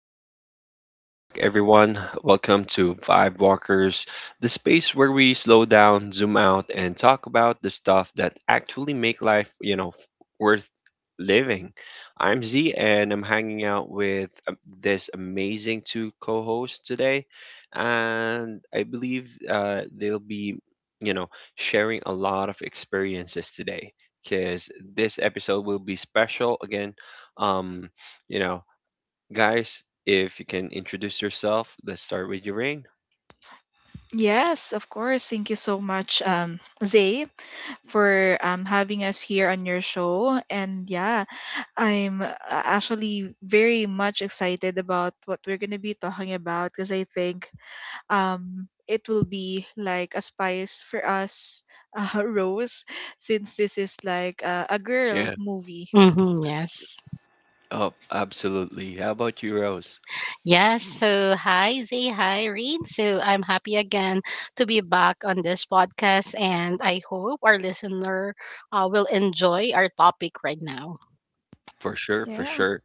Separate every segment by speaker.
Speaker 1: Welcome back, everyone. Welcome to Vibe Walkers, the space where we slow down, zoom out, and talk about the stuff that actually make life, you know, worth living. I'm Z, and I'm hanging out with this amazing two co-hosts today, and I believe they'll be, you know, sharing a lot of experiences today. Because this episode will be special again. Um, you know, guys, if you can introduce yourself, let's start with your Rain.
Speaker 2: Yes, of course. Thank you so much, Zay, for having us here on your show. And yeah, I'm actually very much excited about what we're going to be talking about because I think it will be like a spice for us, Rose, since this is like a girl
Speaker 1: Yeah.
Speaker 2: movie.
Speaker 3: Mm-hmm, yes.
Speaker 1: Oh, absolutely. How about you, Rose?
Speaker 3: Yes. So, hi, Zay. Hi, Reed. So, I'm happy again to be back on this podcast, and I hope our listener will enjoy our topic right now.
Speaker 1: For sure, for
Speaker 2: Yeah.
Speaker 1: sure.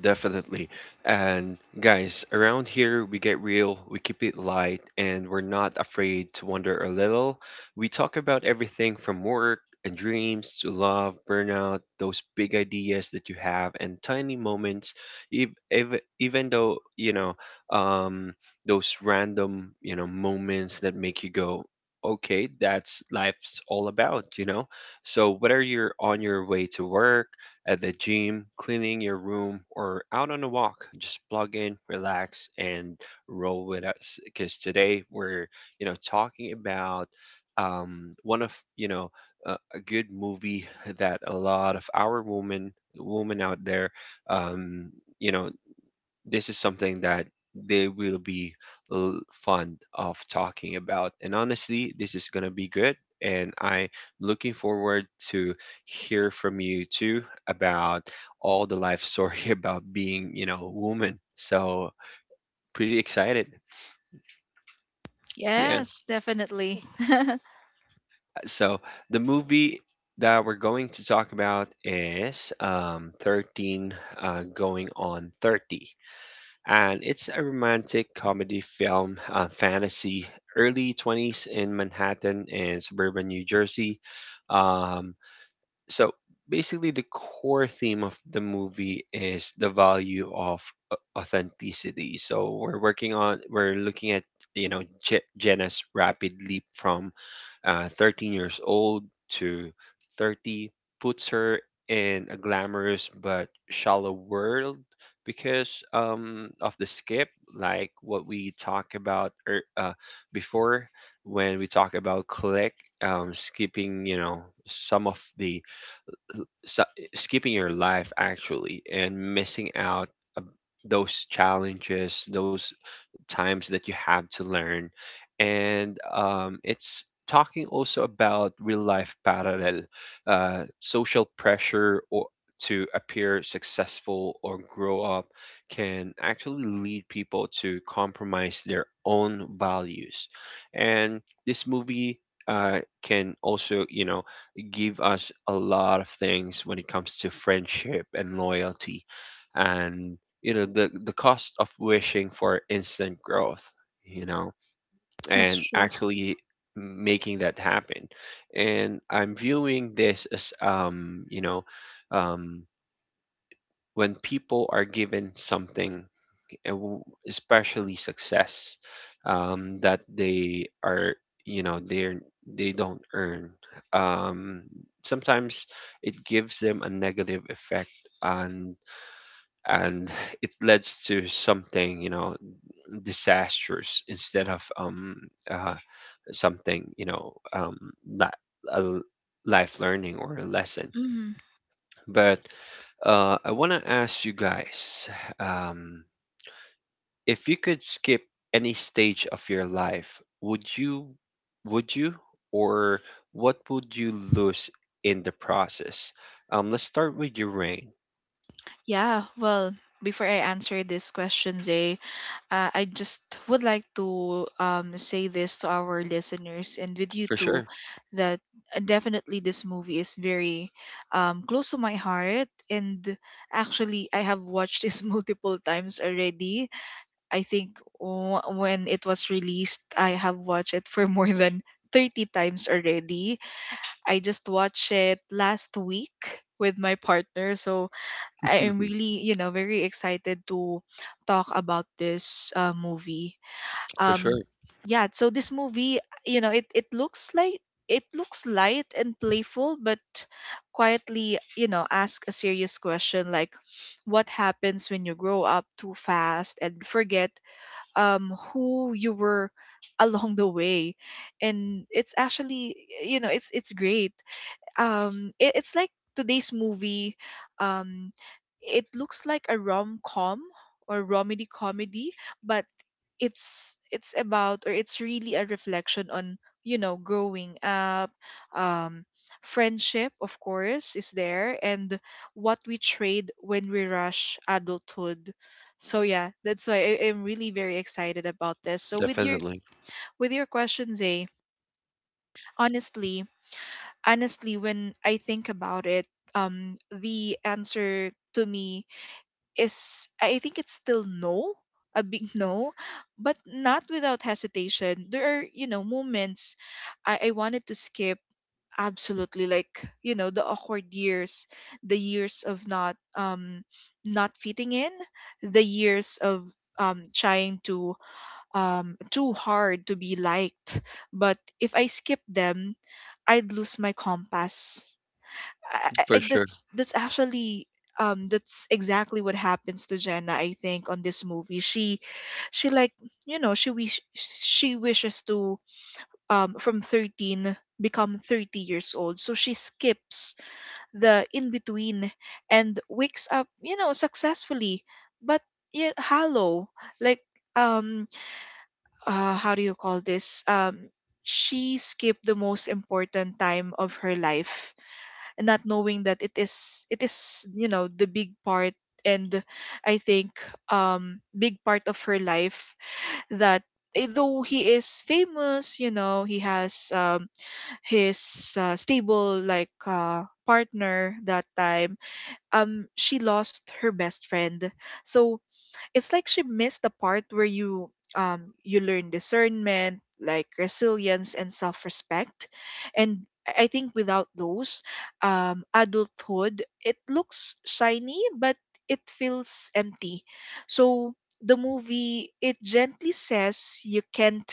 Speaker 1: Definitely. And guys, around here we get real, we keep it light, and we're not afraid to wonder a little. We talk about everything from work and dreams to love, burnout, those big ideas that you have, and tiny moments, ev ev even though, you know, um, those random, moments that make you go, okay, that's life's all about, you know? So whether you're on your way to work, at the gym, cleaning your room, or out on a walk, just plug in, relax, and roll with us. Because today we're, talking about one of, a good movie that a lot of our women out there, um, you know, this is something that they will be l- fond of talking about. And honestly, this is going to be good. And I'm looking forward to hear from you too about all the life story about being, a woman. So pretty excited. Yeah.
Speaker 2: Yes, definitely.
Speaker 1: So the movie that we're going to talk about is 13 going on 30. And it's a romantic comedy film, fantasy, early 20s in Manhattan and suburban New Jersey. um, so basically, the core theme of the movie is the value of authenticity. So we're working on we're looking at Jenna's rapid leap from 13 years old to 30 puts her in a glamorous but shallow world because, of the skip, like what we talked about ear before. When we talk about click, skipping, some of the skipping your life actually, and missing out uh, those challenges, those times that you have to learn. And it's talking also about real life parallel, social pressure or to appear successful or grow up can actually lead people to compromise their own values. And this movie can also, give us a lot of things when it comes to friendship and loyalty. And the cost of wishing for instant growth, you know
Speaker 2: That's
Speaker 1: and
Speaker 2: true.
Speaker 1: actually making that happen. And I'm viewing this as, um when people are given something, especially success, that they are, they're, they don't earn. um Sometimes it gives them a negative effect, and and it leads to something, you know, disastrous, instead of, uh, something, you know, li- a l- life learning or a lesson.
Speaker 2: Mhm.
Speaker 1: But I want to ask you guys, um, if you could skip any stage of your life, would you? Would you? Or what would you lose in the process? Let's start with your Rain.
Speaker 2: Yeah, well, before I answer this question, Zay, I just would like to say this to our listeners and with you
Speaker 1: For
Speaker 2: too
Speaker 1: sure.
Speaker 2: that definitely this movie is very close to my heart. And actually, I have watched this multiple times already. I think when it was released, I have watched it for more than 30 times already. I just watched it last week with my partner. So I am really, you know, very excited to talk about this movie.
Speaker 1: For
Speaker 2: um
Speaker 1: sure.
Speaker 2: yeah, so this movie, you know, it looks like, it looks light and playful, but quietly, you know, ask a serious question, like what happens when you grow up too fast and forget who you were along the way. And it's actually, you know, it's great. It's like today's movie, um it looks like a rom-com or romedy comedy, but it's about, or it's really a reflection on, you know, growing up. um Friendship, of course, is there, and what we trade when we rush adulthood. So yeah, that's why I'm really very excited about this. So with your,
Speaker 1: Definitely.
Speaker 2: with your question, Zay, honestly honestly, when I think about it, the answer to me is, I think it's still no, a big no, but not without hesitation. There are, you know, moments I wanted to skip absolutely, like, you know, the awkward years, the years of not not fitting in, the years of trying to too hard to be liked. But if I skip them, I'd lose my compass.
Speaker 1: For sure.
Speaker 2: That's actually that's exactly what happens to Jenna, I think, on this movie. She, you know, she wishes to, from 13 become 30 years old, so she skips the in between and wakes up, you know, successfully, but yeah, hollow. Like, um how do you call this? She skipped the most important time of her life, and not knowing that it is, it is, you know, the big part. And I think big part of her life, that, eh, though he is famous, you know, he has his stable, like partner that time, she lost her best friend. So it's like she missed the part where you you learn discernment, like resilience and self-respect. And I think without those, adulthood, it looks shiny, but it feels empty. So the movie, it gently says you can't,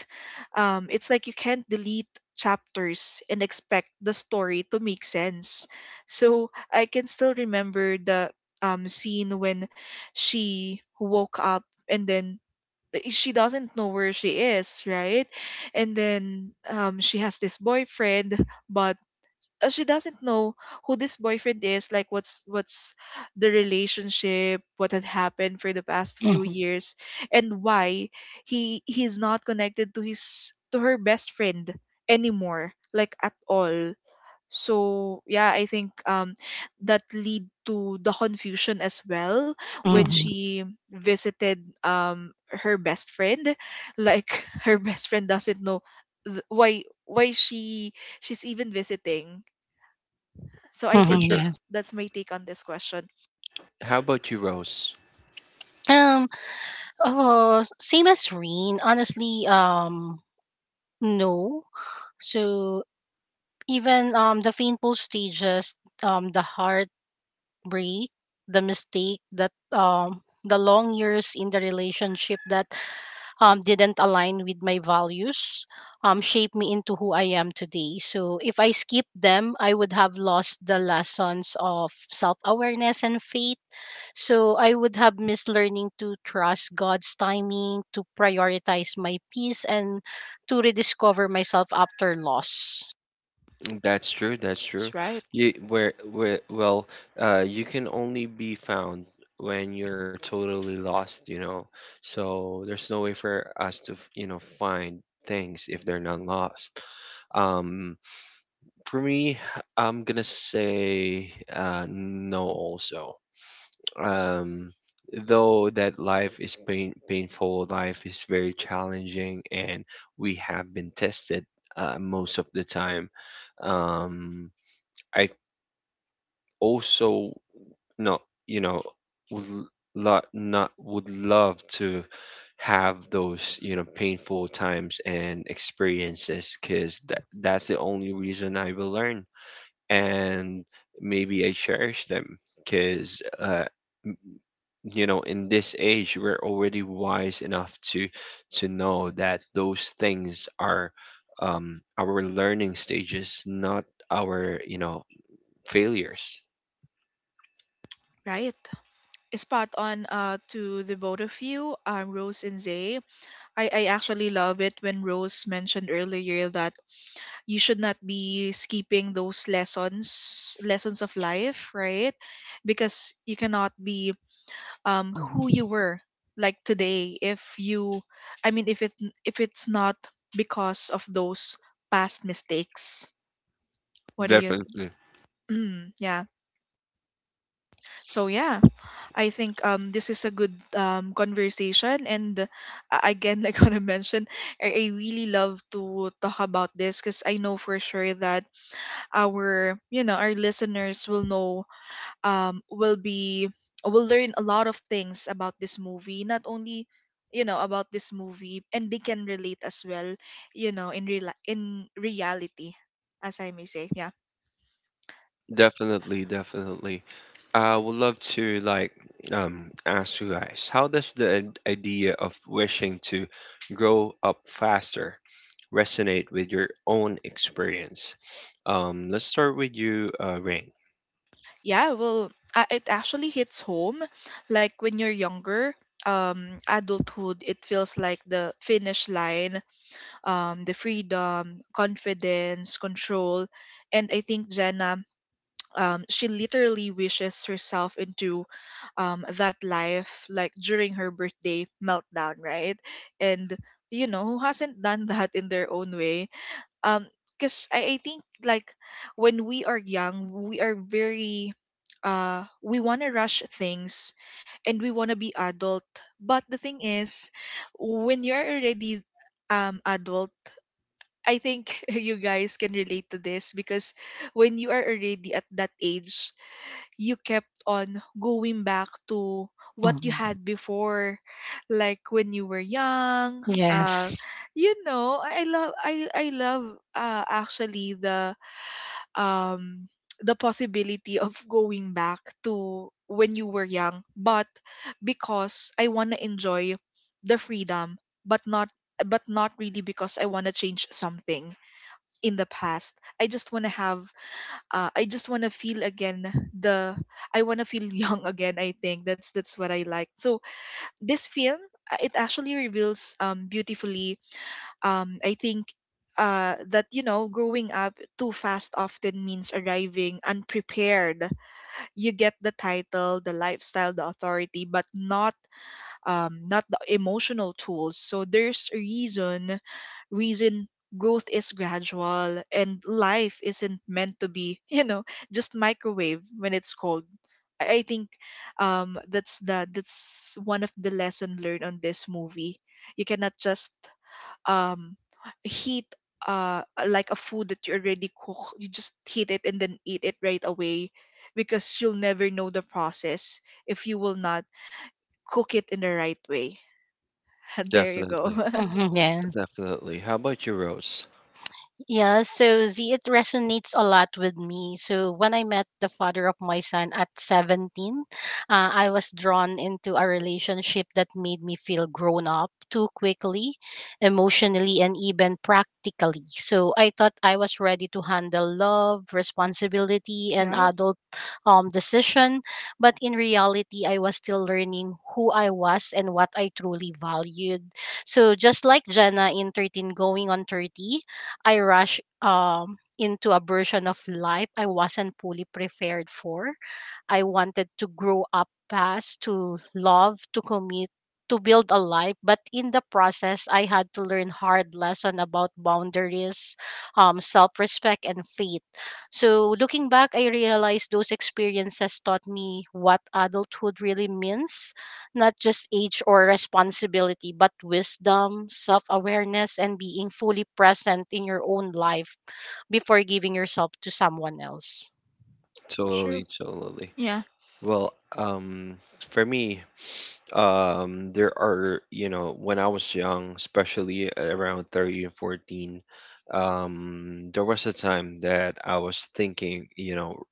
Speaker 2: it's like you can't delete chapters and expect the story to make sense. So I can still remember the scene when she woke up, and then, eh, she doesn't know where she is, right? And then she has this boyfriend, but she doesn't know who this boyfriend is. Like, what's the relationship? What had happened for the past few
Speaker 3: Mm-hmm,
Speaker 2: years, and why he's not connected to his, to her best friend anymore, like at all. So yeah, I think that lead to the confusion as well when
Speaker 3: mm-hmm,
Speaker 1: hmm
Speaker 2: she visited her best friend. Like, her best friend doesn't know why she, she's even visiting. So I
Speaker 1: For
Speaker 3: mm-hmm,
Speaker 2: think
Speaker 1: sure.
Speaker 2: that's
Speaker 3: yes.
Speaker 2: that's my take on this question.
Speaker 1: How about you, Rose?
Speaker 3: Um. Oh, same as Reen. Honestly, no. So even the painful stages, the heart Brie, the mistake that the long years in the relationship that didn't align with my values shaped me into who I am today. So if I skipped them, I would have lost the lessons of self-awareness and faith. So I would have missed learning to trust God's timing, to prioritize my peace and to rediscover myself after loss.
Speaker 1: Mm, that's true. That's true.
Speaker 2: That's right.
Speaker 1: You where well, you can only be found when you're totally lost, you know. So there's no way for us to, find things if they're not lost. Um, for me, I'm gonna say, no also. um, though that life is painful, life is very challenging, and we have been tested, most of the time. Um, I also not, you know, would l- lo- not would love to have those, you know, painful times and experiences, because that's the only reason I will learn, and maybe I cherish them. Because, you know, in this age we're already wise enough to know that those things are, our learning stages, not our, failures.
Speaker 2: Right. Spot on to the both of you, Rose and Zay. I actually love it when Rose mentioned earlier that you should not be skipping those lessons of life, right? Because you cannot be who you
Speaker 3: Mhm,
Speaker 2: were like today if you, I mean, if it, if it's not because of those past mistakes, what do you.
Speaker 1: definitely
Speaker 2: Mm, yeah, so yeah, I think this is a good conversation. And again, like what I mentioned, I really love to talk about this because I know for sure that our, you know, our listeners will know, um will be will learn a lot of things about this movie, not only, you know, about this movie, and they can relate as well, you know, in real, in reality, as I may say. Yeah.
Speaker 1: definitely definitely I would love to, like, um ask you guys, how does the idea of wishing to grow up faster resonate with your own experience? Let's start with you, Rain.
Speaker 2: Yeah, well, it actually hits home. Like, when you're younger, adulthood, it feels like the finish line, the freedom, confidence, control. And I think Jenna, she literally wishes herself into, that life, like during her birthday meltdown, right? And, you know, who hasn't done that in their own way? um because I think, like, when we are young, we are very, we want to rush things, and we want to be adult. But the thing is, when you're already adult, I think you guys can relate to this, because when you are already at that age, you kept on going back to what you
Speaker 3: mhm.
Speaker 2: had before, like when you were young. uh
Speaker 3: Yes.
Speaker 2: you know, I love actually um the possibility of going back to when you were young, but because I want to enjoy the freedom, but not, really, because I want to change something in the past. I just want to have, I just want to feel again the, I want to feel young again, I think that's what I like. So this film, it actually reveals beautifully, I think that, you know, growing up too fast often means arriving unprepared. You get the title, the lifestyle, the authority, but not, not the emotional tools. So there's a reason growth is gradual, and life isn't meant to be, you know, just microwave when it's cold. I think that's the, that's one of the lesson learned on this movie. You cannot just um, heat, like a food that you already cook. You just heat it and then eat it right away, because you'll never know the process if you will not cook it in the right way. There you go.
Speaker 1: Definitely
Speaker 3: Mhm,
Speaker 1: Definitely. How about your Rose?
Speaker 3: Yeah, so Z, it resonates a lot with me. So when I met the father of my son at 17, I was drawn into a relationship that made me feel grown up too quickly, emotionally, and even practically. So I thought I was ready to handle love, responsibility, and
Speaker 2: Yeah,
Speaker 3: adult decision. But in reality, I was still learning who I was and what I truly valued. So just like Jenna in 13 going on 30, I rushed into a version of life I wasn't fully prepared for. I wanted to grow up fast, to love, to commit, to build a life. But in the process, I had to learn hard lesson about boundaries, self-respect, and faith. So looking back, I realized those experiences taught me what adulthood really means not just age or responsibility, but wisdom, self awareness, and being fully present in your own life before giving yourself to someone else.
Speaker 2: true.
Speaker 1: Totally, totally.
Speaker 2: Yeah,
Speaker 1: Well, for me, there are, when I was young, especially around 13 and 14, there was a time that I was thinking, you know,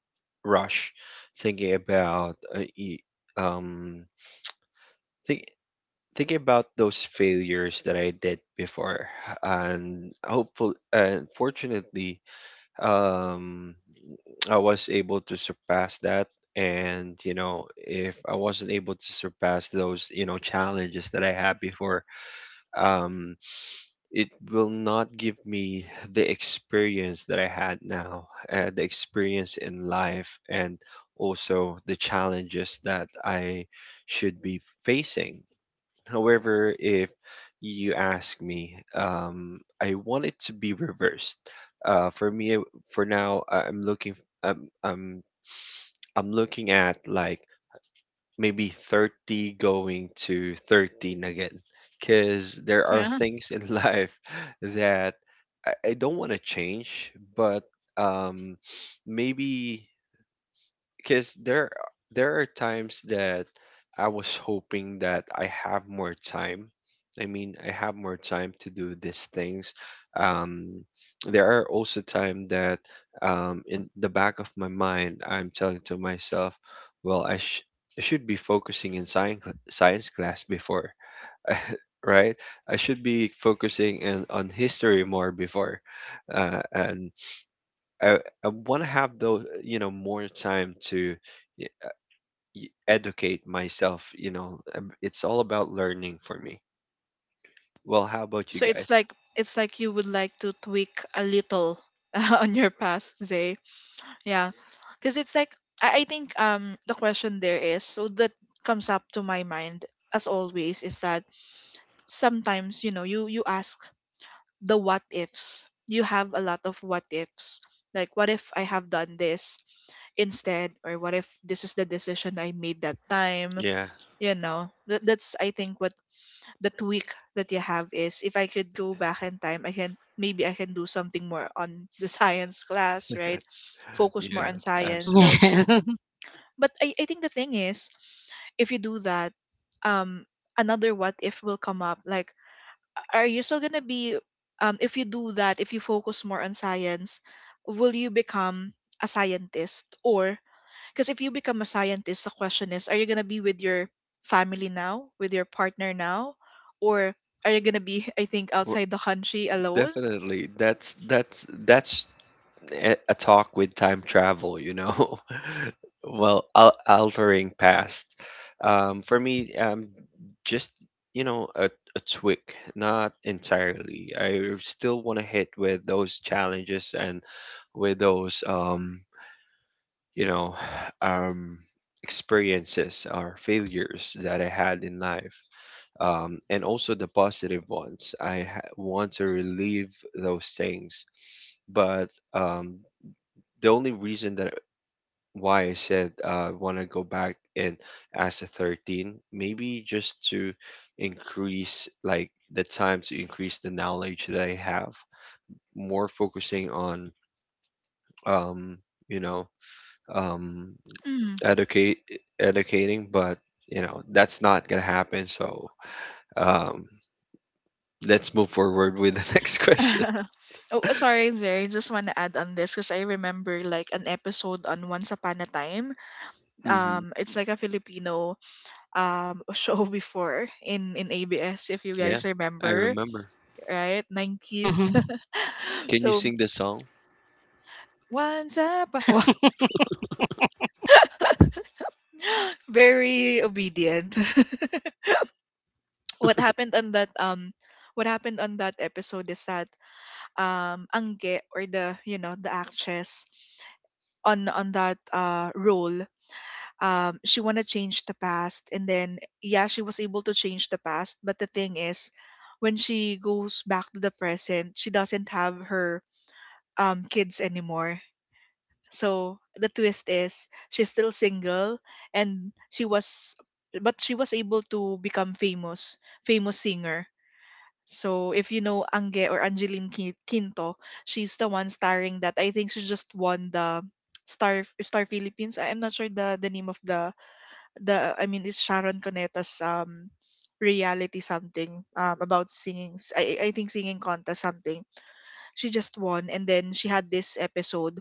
Speaker 1: rush, thinking about, um, think, thinking about those failures that I did before, and hopeful, and fortunately, um. I was able to surpass that. And, if I wasn't able to surpass those, challenges that I had before, um, it will not give me the experience that I had now, the experience in life, and also the challenges that I should be facing. However, if you ask me, I want it to be reversed. For me, for now, I'm looking. I'm, I'm I'm looking at, like, maybe 30 going to 13 again. Because there are
Speaker 2: yeah.
Speaker 1: things in life that I don't want to change, but um, maybe, because there are times that I was hoping that I have more time. I mean, I have more time to do these things. Um, there are also time that, in the back of my mind, I'm telling to myself, well, I should be focusing in science class before, right? I should be focusing in on history more before, and I want to have those, more time to educate myself. It's all about learning for me. Well, how about you
Speaker 2: So it's
Speaker 1: guys?
Speaker 2: like, it's like you would like to tweak a little on your past, Zay. Yeah, because it's like, I think the question there, is so that comes up to my mind as always, is that sometimes, you know, you ask the what ifs. You have a lot of what ifs. Like, what if I have done this instead, or what if this is the decision I made that time?
Speaker 1: Yeah,
Speaker 2: You know, that's, I think, what that week that you have is, if I could go back in time, I can, maybe I can do something more on the science class, right? Focus more
Speaker 1: yeah,
Speaker 2: on science.
Speaker 1: absolutely.
Speaker 2: So,
Speaker 3: Yes.
Speaker 2: but I think the thing is, if you do that, um, another what if will come up. Like, are you still gonna be, if you do that, if you focus more on science, will you become a scientist? Or because if you become a scientist, the question is, are you gonna be with your family now, with your partner now, or are you gonna be, I think,
Speaker 1: W-
Speaker 2: outside the country alone?
Speaker 1: Definitely. That's a talk with time travel, you know. Well, altering past. For me, just, you know, a tweak, not entirely. I still want to hit with those challenges and with those, you know, um, experiences or failures that I had in life, and also the positive ones. I want to relieve those things, but, um, the only reason that why I said, want to go back and as a 13, maybe just to increase, like, the time to increase the knowledge that I have, more focusing on, um, you know um,
Speaker 2: Mm.
Speaker 1: educate educating, but, that's not gonna happen. So, um, let's move forward with the next question.
Speaker 2: Oh, sorry, Zay. Just want to add on this because I remember like an episode on Once Upon a Time.
Speaker 1: Hmm
Speaker 2: It's like a Filipino show before in ABS, if you
Speaker 1: Yeah,
Speaker 2: guys
Speaker 1: I
Speaker 2: remember,
Speaker 1: remember.
Speaker 2: right? Nineties.
Speaker 3: hmm
Speaker 1: Can you
Speaker 2: So
Speaker 1: sing the song?
Speaker 2: once up, very obedient. What happened on that episode is that, Angge, or, the you know, the actress on that role, she want to change the past, and then yeah, she was able to change the past, but the thing is, when she goes back to the present, she doesn't have her kids anymore. So the twist is, she's still single, and she was, but she was able to become famous, famous singer. So if you know Ange, or Angeline Quinto, she's the one starring that. I think she just won the Star Philippines. I am not sure the name of the, I mean, it's Sharon Cuneta's reality something about singing. I think singing contest something. She just won and then she had this episode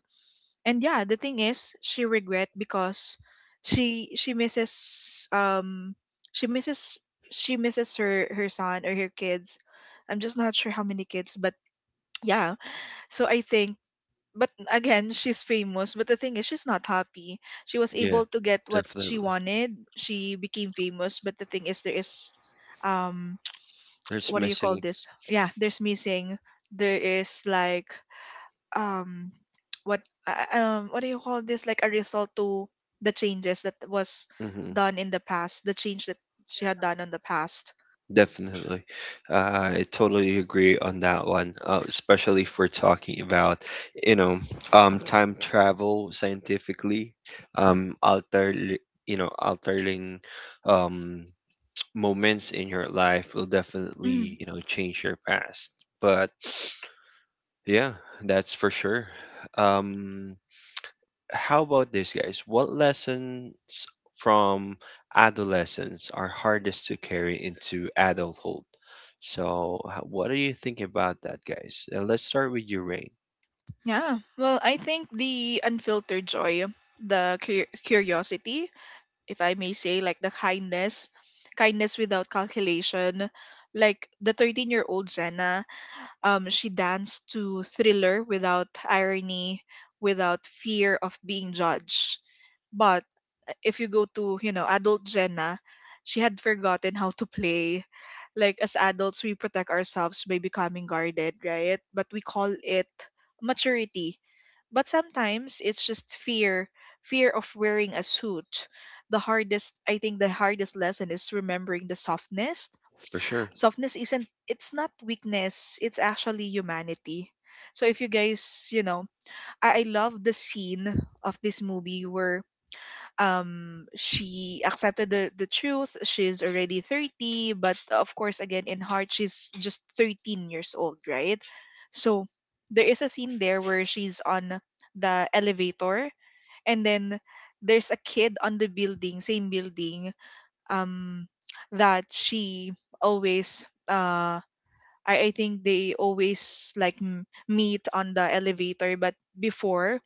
Speaker 2: and yeah, the thing is she regret because she misses she misses she misses her son or her kids. I'm just not sure how many kids, but yeah. So I think, but again, she's famous but the thing is she's not happy. She was
Speaker 1: Yeah,
Speaker 2: able to get what she
Speaker 1: definitely.
Speaker 2: wanted, she became famous, but the thing is there is um
Speaker 1: There's
Speaker 2: what do you call
Speaker 1: missing.
Speaker 2: this, yeah, there's missing. There is like, um what what do you call this, like a result to the changes that was
Speaker 1: Hmm
Speaker 2: done in the past, the change that she had done in the past.
Speaker 1: Definitely. I totally agree on that one, especially if we're talking about, you know, time travel scientifically, um, alter, altering, um, moments in your life will
Speaker 2: mm,
Speaker 1: definitely, change your past. But yeah, that's for sure. Um, how about this, guys? What lessons from adolescence are hardest to carry into adulthood? So, what do you think about that, guys? Let's start with you, Rain.
Speaker 2: yeah, well, I think the unfiltered joy, the curiosity, if I may say, like the kindness, kindness without calculation. Like the 13-year-old Jenna, she danced to Thriller without irony, without fear of being judged. But if you go to, you know, adult Jenna, she had forgotten how to play. Like as adults, we protect ourselves by becoming guarded, right? But we call it maturity. But sometimes it's just fear, fear of wearing a suit. The hardest, I think the hardest lesson is remembering the softness.
Speaker 1: For sure.
Speaker 2: Softness isn't, it's not weakness, it's actually humanity. So if you guys, you know, I love the scene of this movie where she accepted the truth, she's already 30, but of course again in heart she's just 13 years old, right? So there is a scene there where she's on the elevator, and then there's a kid on the building, same building, um that she always I think they always like meet on the elevator. But before,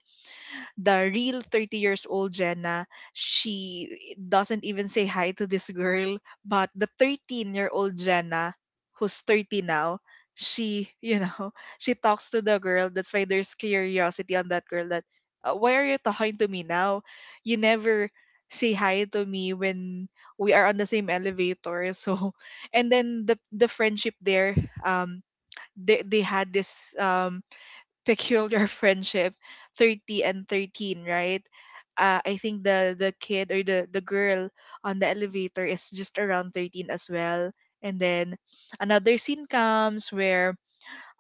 Speaker 2: the real 30 years old Jenna, she doesn't even say hi to this girl. But the 13-year-old Jenna, who's 30 now, she, you know, she talks to the girl. That's why there's curiosity on that girl that, why are you talking to me now? You never say hi to me when we are on the same elevator." So, and then the friendship there, um, they had this, peculiar friendship, 30 and 13, right? Uh, I think the kid or the girl on the elevator is just around 13 as well. And then another scene comes where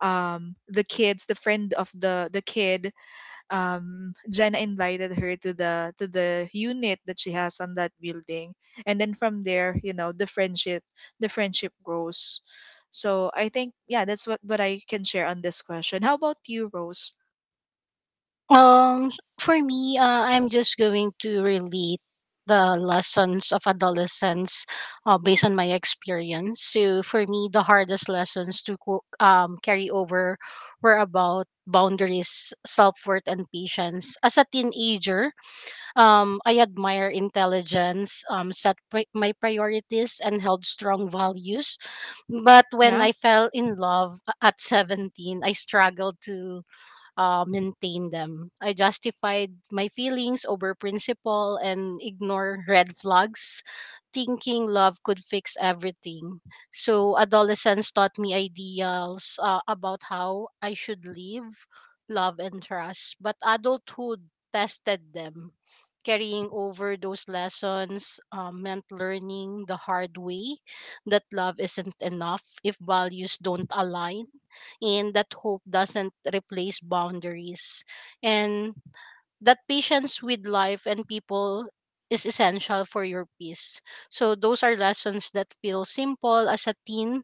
Speaker 2: the kids, the friend of the kid, Jenna invited her to the unit that she has on that building, and then from there, you know, the friendship, the friendship grows. So I think, yeah, that's what I can share on this question. How about you, Rose?
Speaker 3: Um, for me, I'm just going to relate the lessons of adolescence based on my experience. So for me, the hardest lessons to carry over were about boundaries, self worth, and patience. As a teenager, I admire intelligence, my priorities, and held strong values. But when
Speaker 2: Yeah,
Speaker 3: I fell in love at 17, I struggled to maintain them. I justified my feelings over principle and ignore red flags, thinking love could fix everything. So adolescence taught me ideals about how I should live, love, and trust. But adulthood tested them. Carrying over those lessons meant learning the hard way that love isn't enough if values don't align and that hope doesn't replace boundaries and that patience with life and people is essential for your peace. So those are lessons that feel simple as a teen,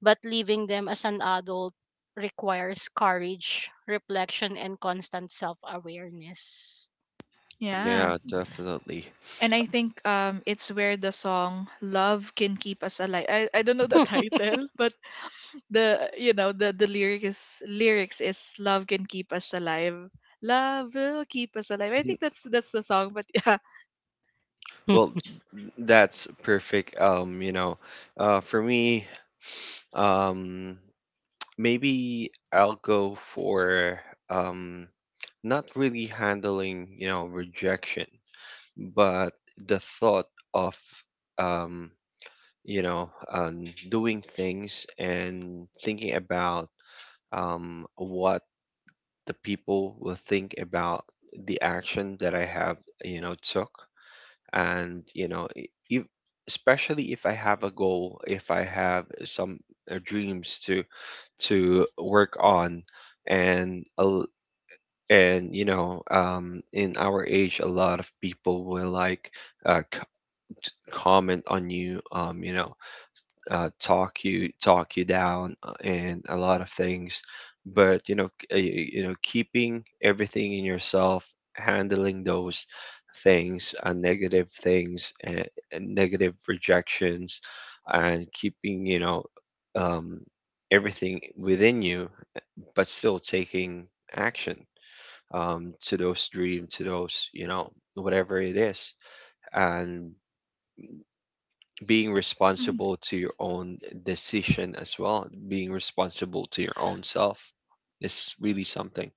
Speaker 3: but living them as an adult requires courage, reflection, and constant self awareness.
Speaker 2: yeah.
Speaker 1: Yeah, definitely.
Speaker 2: And I think it's where the song Love Can Keep Us Alive. I don't know the title, but the, you know, the lyrics is Love Can Keep Us Alive. Love will keep us alive. I
Speaker 1: Mhm.
Speaker 2: think that's the song, but yeah.
Speaker 1: Well, that's perfect. For me, um, maybe I'll go for, um, not really handling, rejection. But the thought of, um, doing things and thinking about, what the people will think about the action that I have, took. And if, especially if I have a goal, if I have some, dreams to work on, and a l- and you know in our age a lot of people will, like, uh, comment on you, talk you down, and a lot of things. But, you know, keeping everything in yourself, handling those things, negative things, and negative rejections, and keeping, um, everything within you, but still taking action, to those dream, to those, whatever it is, and being
Speaker 2: Mhm.
Speaker 1: responsible to your own decision as well, being responsible to your own self is really something.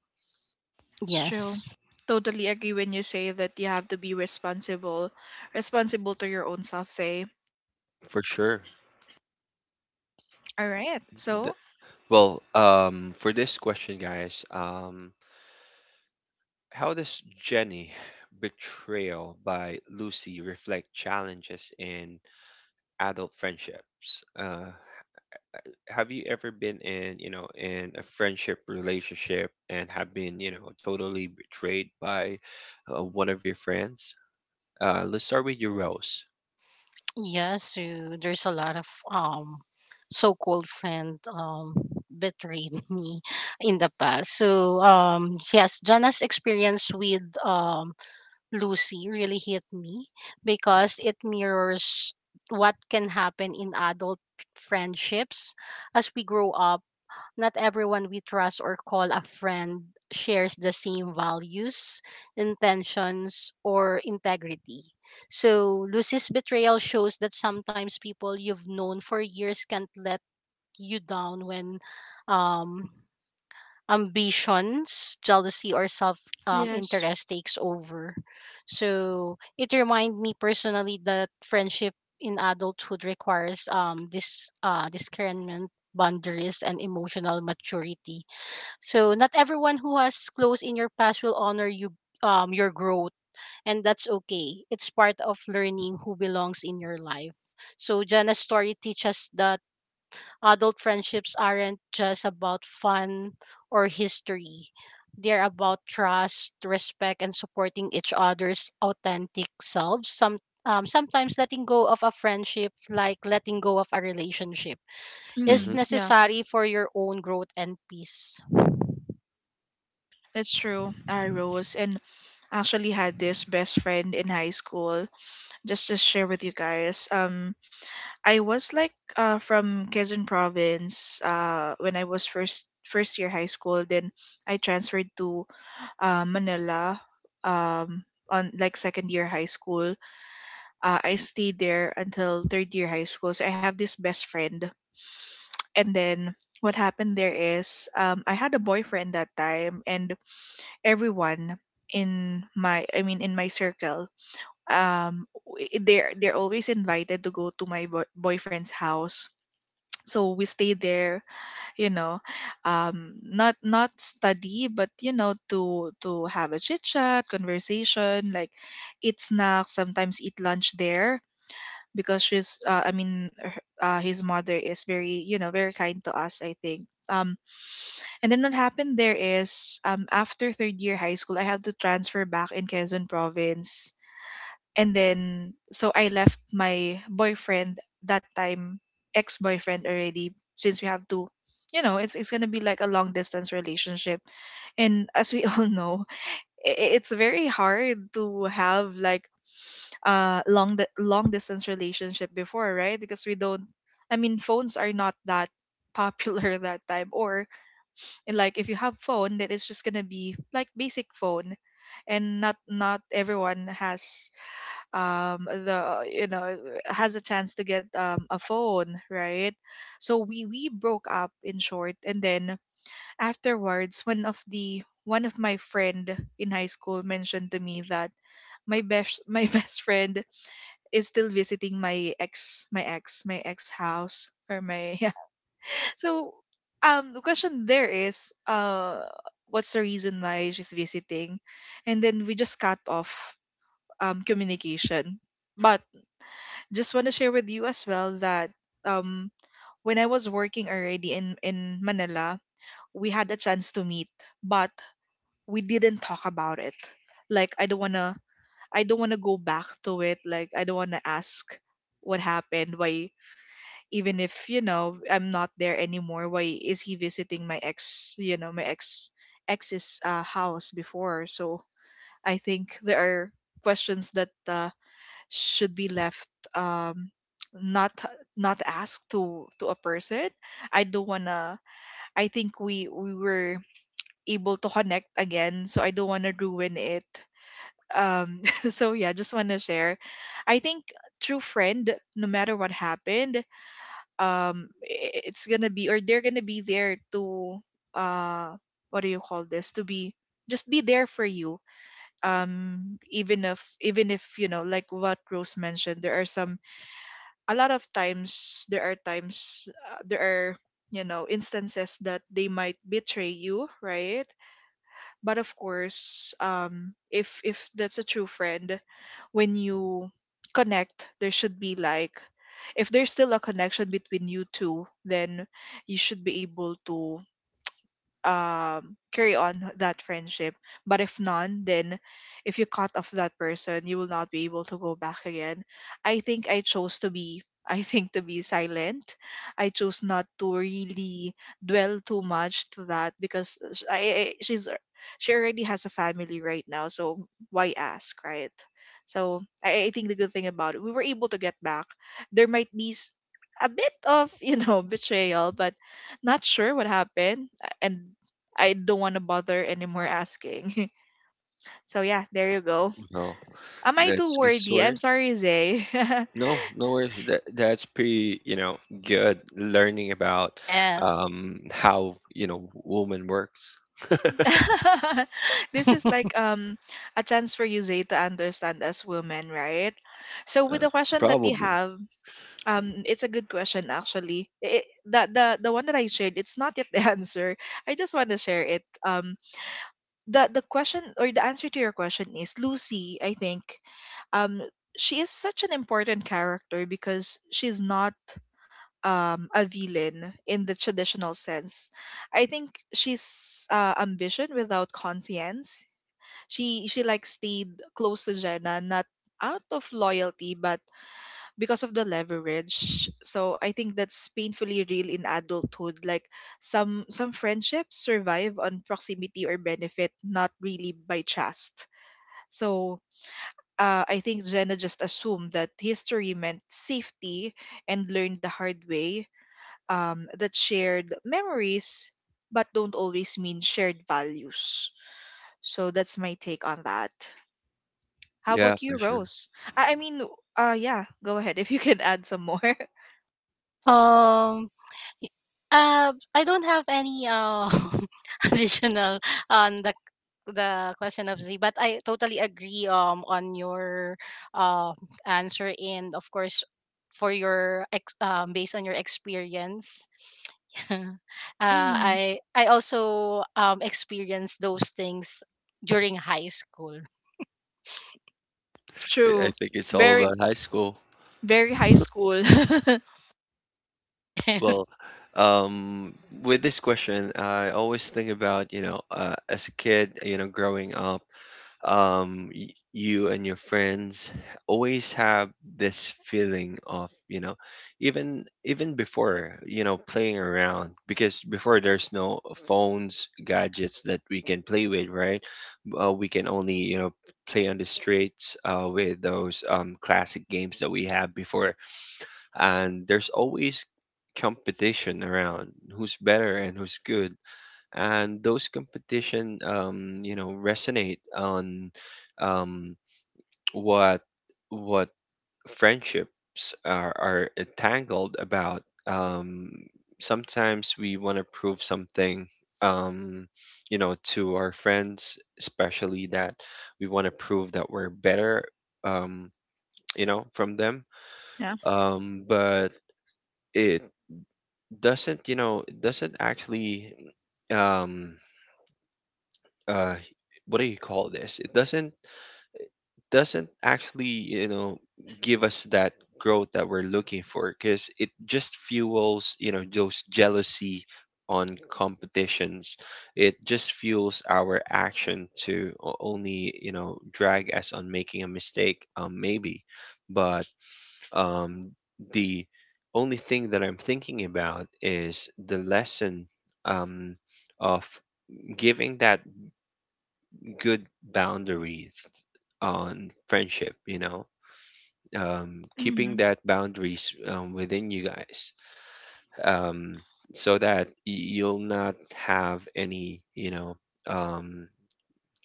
Speaker 2: It's true.
Speaker 3: yes.
Speaker 2: Totally agree when you say that you have to be responsible, responsible to your own self, say.
Speaker 1: For sure.
Speaker 2: All right. So,
Speaker 1: Th- for this question, guys, how does Jenny betrayal by Lucy reflect challenges in adult friendships? Have you ever been in a friendship relationship and have been, totally betrayed by, one of your friends? Let's start with your Rose.
Speaker 3: Yeah, so there's a lot of so-called friend betrayed me in the past. So yes, Jana's experience with Lucy really hit me because it mirrors what can happen in adult friendships as we grow up not everyone we trust or call a friend shares the same values, intentions, or integrity. So, Lucy's betrayal shows that sometimes people you've known for years can't let you down when um ambitions, jealousy, or self
Speaker 2: yes.
Speaker 3: interest takes over. So it reminded me personally that friendship in adulthood requires this discernment boundaries and emotional maturity. So not everyone who has close in your past will honor you your growth and that's okay. It's part of learning who belongs in your life. So Jana's story teaches that adult friendships aren't just about fun or history. They're about trust, respect, and supporting each other's authentic selves. Sometimes letting go of a friendship, like letting go of a relationship, is
Speaker 1: Hmm
Speaker 2: Hmm. Yeah,
Speaker 3: necessary for your own growth and peace.
Speaker 2: that's true. I, Rose, and actually had this best friend in high school, just to share with you guys, I was like from Quezon province when I was first year high school. Then I transferred to Manila, um, on like second year high school. I stayed there until third year high school. So I have this best friend, and then what happened there is I had a boyfriend that time, and everyone in my I mean in my circle, they're always invited to go to my boyfriend's house. So we stay there, you know, not study, but you know, to have a chit chat conversation, like eat snacks, sometimes eat lunch there because she's I mean her- his mother is very, you know, very kind to us, I think. um and then what happened there is, after third year high school I have to transfer back in Quezon province, and then so I left my boyfriend that time, ex boyfriend already, since we have to, you know, it's gonna be like a long distance relationship. And as we all know, it's very hard to have like a long distance relationship before, right? Because we don't, I mean, phones are not that popular that time, or like if you have phone that is just gonna be like basic phone, and not everyone has the, you know, has a chance to get a phone, right? So we broke up in short, and then afterwards one of my friend in high school mentioned to me that my best my best friend is still visiting my ex house, or my yeah. So the question there is what's the reason why she's visiting, and then we just cut off communication. But just want to share with you as well that, um when I was working already in Manila, we had a chance to meet, but we didn't talk about it. Like I don't wanna, I don't wanna go back to it. Like I don't wanna ask what happened. Why, even if, you know, I'm not there anymore, why is he visiting my ex, you know, my ex ex's house before? So I think there are questions that should be left um not, not asked to a person. I don't wanna, I think we were able to connect again, so I don't wanna ruin it. um so yeah, just wanna share. I think true friend, no matter what happened, it's gonna be, or they're gonna be there to uh what do you call this, to be, just be there for you, even if, you know, like what Rose mentioned, there are some, a lot of times, there are times, there are, you know, instances that they might betray you, right? But of course, if that's a true friend, when you connect, there should be like, if there's still a connection between you two, then you should be able to carry on that friendship. But if none, then if you cut off that person, you will not be able to go back again. I think I chose to be I think to be silent. I chose not to really dwell too much to that because sh- I she's, she already has a family right now, so why ask, right? So I think the good thing about it, we were able to get back. There might be a bit of you know, betrayal, but not sure what happened, and I don't want to bother anymore asking. So yeah, there you go.
Speaker 1: Oh,
Speaker 2: Am I too
Speaker 1: that's good
Speaker 2: worthy? I'm
Speaker 1: story.
Speaker 2: sorry, Zay.
Speaker 1: No, no worries. That's pretty, good learning about,
Speaker 3: Yes.
Speaker 1: how, woman works.
Speaker 2: This is like a chance for you, Zay, to understand as women, right? So
Speaker 1: Uh,
Speaker 2: with the question that you
Speaker 1: probably.
Speaker 2: have, it's a good question actually. It, the one that I shared, it's not yet the answer. I just want to share it. The question or the answer to your question is Lucy. I think, um, she is such an important character because she's not a villain in the traditional sense. I think she's ambition without conscience. She like stayed close to Jenna, not out of loyalty, but because of the leverage. So I think that's painfully real in adulthood. Like some friendships survive on proximity or benefit, not really by trust. So I think Jenna just assumed that history meant safety, and learned the hard way that shared memories but don't always mean shared values. So that's my take on that. How
Speaker 1: Yeah,
Speaker 2: about you,
Speaker 1: for sure.
Speaker 2: Rose? I mean, yeah, go ahead if you can add some more.
Speaker 3: Um, I don't have any additional on the question of Z, but I totally agree on your uh answer and of course for your ex based on your experience.
Speaker 2: Mm,
Speaker 3: I also experienced those things during high school.
Speaker 1: I
Speaker 2: true.
Speaker 1: think it's all
Speaker 2: Very,
Speaker 1: about high school.
Speaker 2: very high school.
Speaker 3: Yes.
Speaker 1: Well, um, with this question, I always think about, as a kid, you know, growing up, you and your friends always have this feeling of, even before, you know, playing around, because before there's no phones, gadgets that we can play with, right? We can only, you know, play on the streets with those classic games that we have before. And there's always competition around who's better and who's good, and those competition, you know, resonate on, um, what what friendships are entangled about. um, Sometimes we want to prove something, um, you know, to our friends, especially that we want to prove that we're better, um, you know, from them.
Speaker 2: Yeah.
Speaker 1: But it doesn't, you know, it doesn't actually, um, uh what do you call this, it doesn't actually, you know, give us that growth that we're looking for, because it just fuels, you know, those jealousy on competitions. It just fuels our action to only, you know, drag us on making a mistake, um, maybe. But um the only thing that I'm thinking about is the lesson um of giving that good boundaries on friendship, you know, keeping
Speaker 2: Mm,
Speaker 1: that boundaries within you guys, um, so that you'll not have any, you know, um,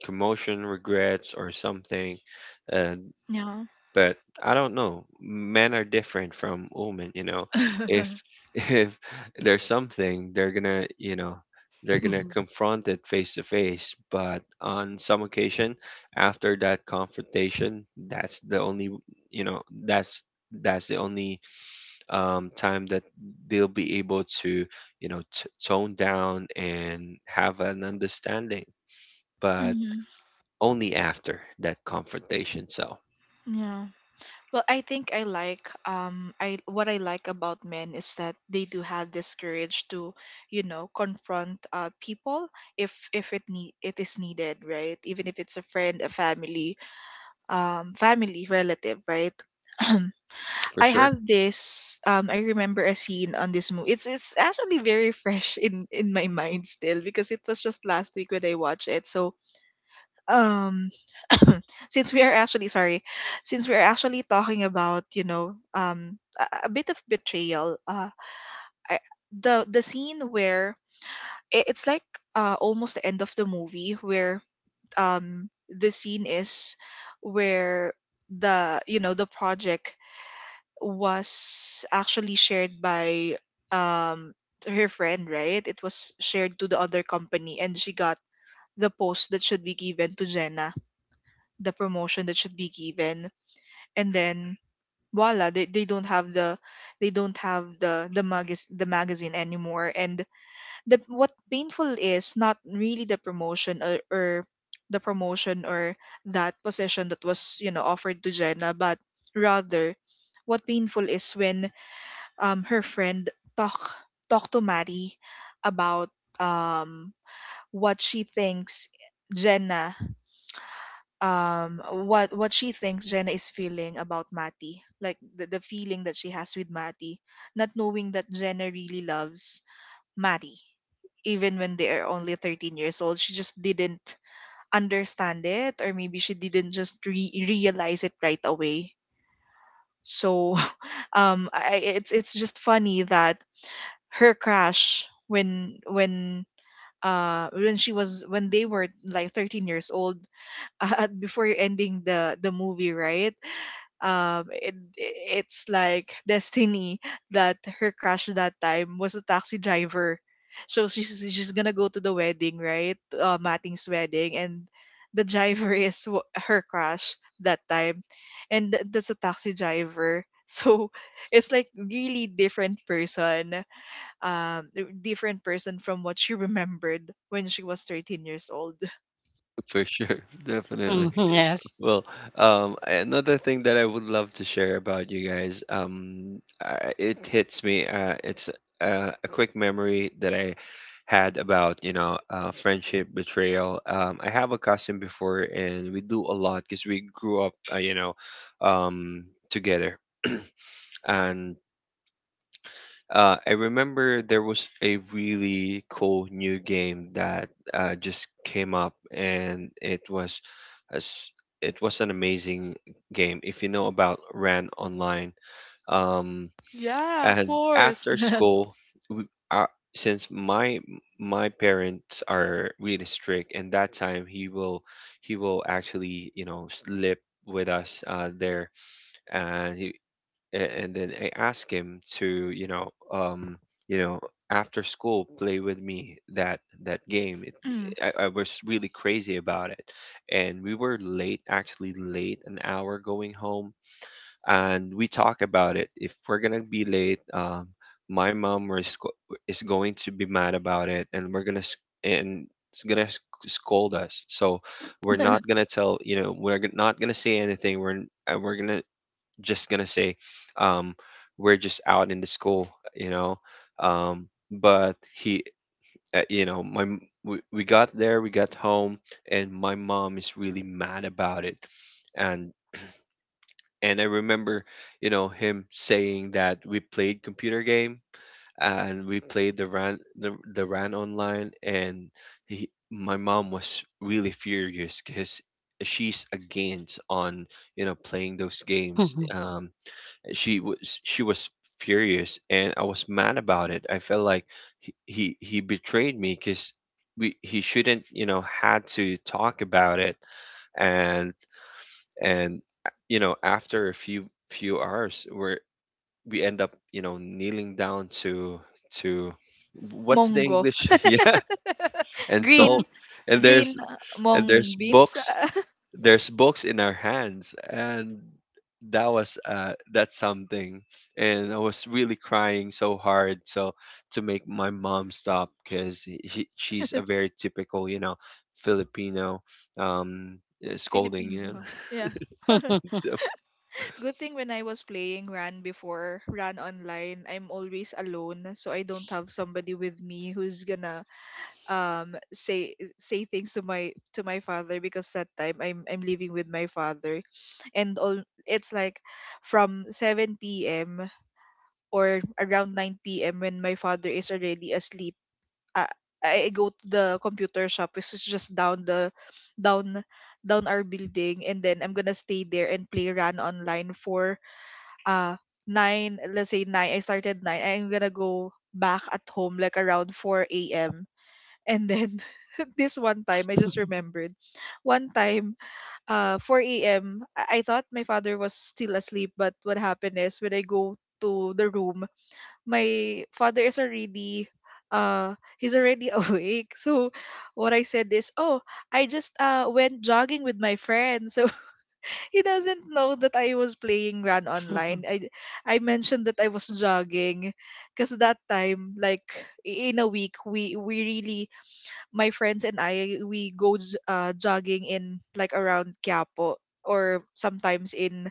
Speaker 1: commotion, regrets, or something. uh,
Speaker 2: yeah.
Speaker 1: but I don't know. Men are different from women, you know. If if there's something, they're gonna, you know, they're gonna confront it face to face. But on some occasion, after that confrontation, that's the only, you know, that's the only time that they'll be able to, you know, tone down and have an understanding. But
Speaker 2: Hmm.
Speaker 1: only after that confrontation. So
Speaker 2: Yeah. Well, I think I like I what I like about men is that they do have this courage to, you know, confront people if it need, it is needed, right? Even if it's a friend, a family, family relative, right?
Speaker 1: for
Speaker 2: I
Speaker 1: sure.
Speaker 2: have this I remember a scene on this movie. It's actually very fresh in my mind still because it was just last week when I watched it. So, um since we are actually sorry since we are actually talking about a bit of betrayal I, the scene where it's like almost the end of the movie where the scene is where the you know the project was actually shared by um her friend, right? It was shared to the other company, and she got the post that should be given to Jenna, the promotion that should be given, and then voila, they don't have the— the magazine anymore. And the what painful is not really the promotion, or the promotion or that position that was offered to Jenna, but rather what painful is when her friend talk talk to Mari about, um what she thinks Jenna what she thinks Jenna is feeling about Matty, like the feeling that she has with Matty, not knowing that Jenna really loves Matty, even when they are only 13 years old. She just didn't understand it, or maybe she didn't just realize it right away. So, it's just funny that her crush when she was when they were like 13 years old. Before ending the movie, right? um it, it's like destiny that her crush that time was a taxi driver. So she's gonna go to the wedding, right? Mating's wedding, and the driver is her crush that time, and that's a taxi driver. So it's like really different person, um from what she remembered when she was 13 years old.
Speaker 1: For sure, definitely.
Speaker 3: Mm, yes.
Speaker 1: Well, another thing that I would love to share about, you guys, it hits me. It's a quick memory that I had about, you know, friendship betrayal. I have a cousin before, and we do a lot because we grew up, you know, um, together. And I remember there was a really cool new game that just came up, and it was a s it was an amazing game. If you know about Ran Online, um,
Speaker 2: Yeah, of
Speaker 1: and
Speaker 2: course.
Speaker 1: after school, we, uh, since my parents are really strict, and that time he will actually, you know, sleep with us, there, and and then I ask him to, you know, after school play with me that that game. It,
Speaker 2: Mm.
Speaker 1: I was really crazy about it, and we were late, actually late, an hour going home, and we talk about it. If we're gonna be late, my mom is going to be mad about it, and and it's gonna scold us. So we're not gonna tell, you know, we're not gonna say anything. We're gonna just gonna say, um, we're just out in the school, you know. But he, you know, we got there, we got home and my mom is really mad about it. and and I remember, you know, him saying that we played computer game, and we played the ran, the ran online. And he, my mom was really furious because she's against on, you know, playing those games, um. She was furious, and I was mad about it. I felt like he betrayed me, because we he shouldn't, you know, had to talk about it. and and you know, after a few hours, where we end up, you know, kneeling down to what's the
Speaker 2: Mongo.
Speaker 1: english, yeah, and
Speaker 2: Green
Speaker 1: salt. And
Speaker 2: Green
Speaker 1: there's and
Speaker 2: mung
Speaker 1: there's
Speaker 2: beans.
Speaker 1: books, there's books in our hands. And that was that's something. And I was really crying so hard, so to make my mom stop, because she's a very typical, you know, Filipino, um scolding,
Speaker 2: Filipino
Speaker 1: you know?
Speaker 2: mom. Yeah. Good thing when I was playing Ran before, Ran Online, I'm always alone, so I don't have somebody with me who's gonna say things to my father, because that time I'm living with my father, and all, it's like from 7 p.m. or around 9 p.m. When my father is already asleep, I, I go to the computer shop, which is just down down our building, and then I'm gonna stay there and play Run Online for, uh nine, let's say nine, I started nine. I'm gonna go back at home like around 4 a.m. And then, this one time I just remembered, one time, 4 a.m., I thought my father was still asleep, but what happened is when I go to the room, my father is already— he's already awake. So what I said is, oh, I just went jogging with my friend. So, he doesn't know that I was playing Run Online. I mentioned that I was jogging because that time, like, in a week, we really my friends and I, we go jogging in, like, around Quiapo, or sometimes in,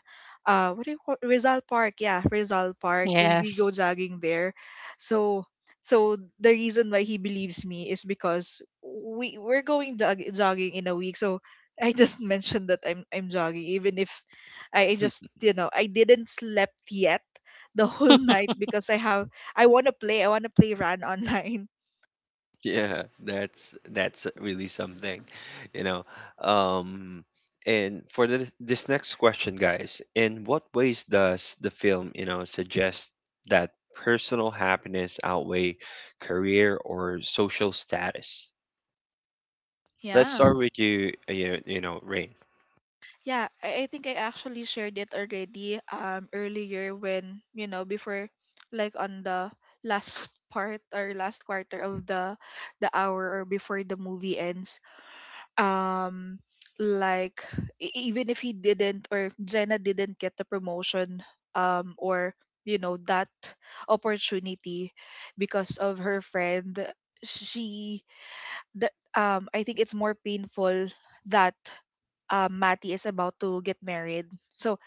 Speaker 2: what do you call, Rizal Park. Yeah, Rizal Park, we go
Speaker 3: yes.
Speaker 2: jogging there. So so the reason why he believes me is because we're going jogging in a week. So I just mentioned that I'm jogging, even if I just, you know, I didn't slept yet the whole night because I want to play I want to play Run Online.
Speaker 1: Yeah, that's really something, you know. Um, and for this this next question, guys, in what ways does the film, you know, suggest that personal happiness outweigh career or social status? Let's
Speaker 2: Yeah.
Speaker 1: start with you, you, you know, Rain.
Speaker 2: Yeah, I think I actually shared it already, earlier, when, you know, before, like, on the last part or last quarter of the hour, or before the movie ends. Um like, even if he didn't, or Jenna didn't get the promotion, or, you know, that opportunity, because of her friend, she that I think it's more painful that, Matty is about to get married. So,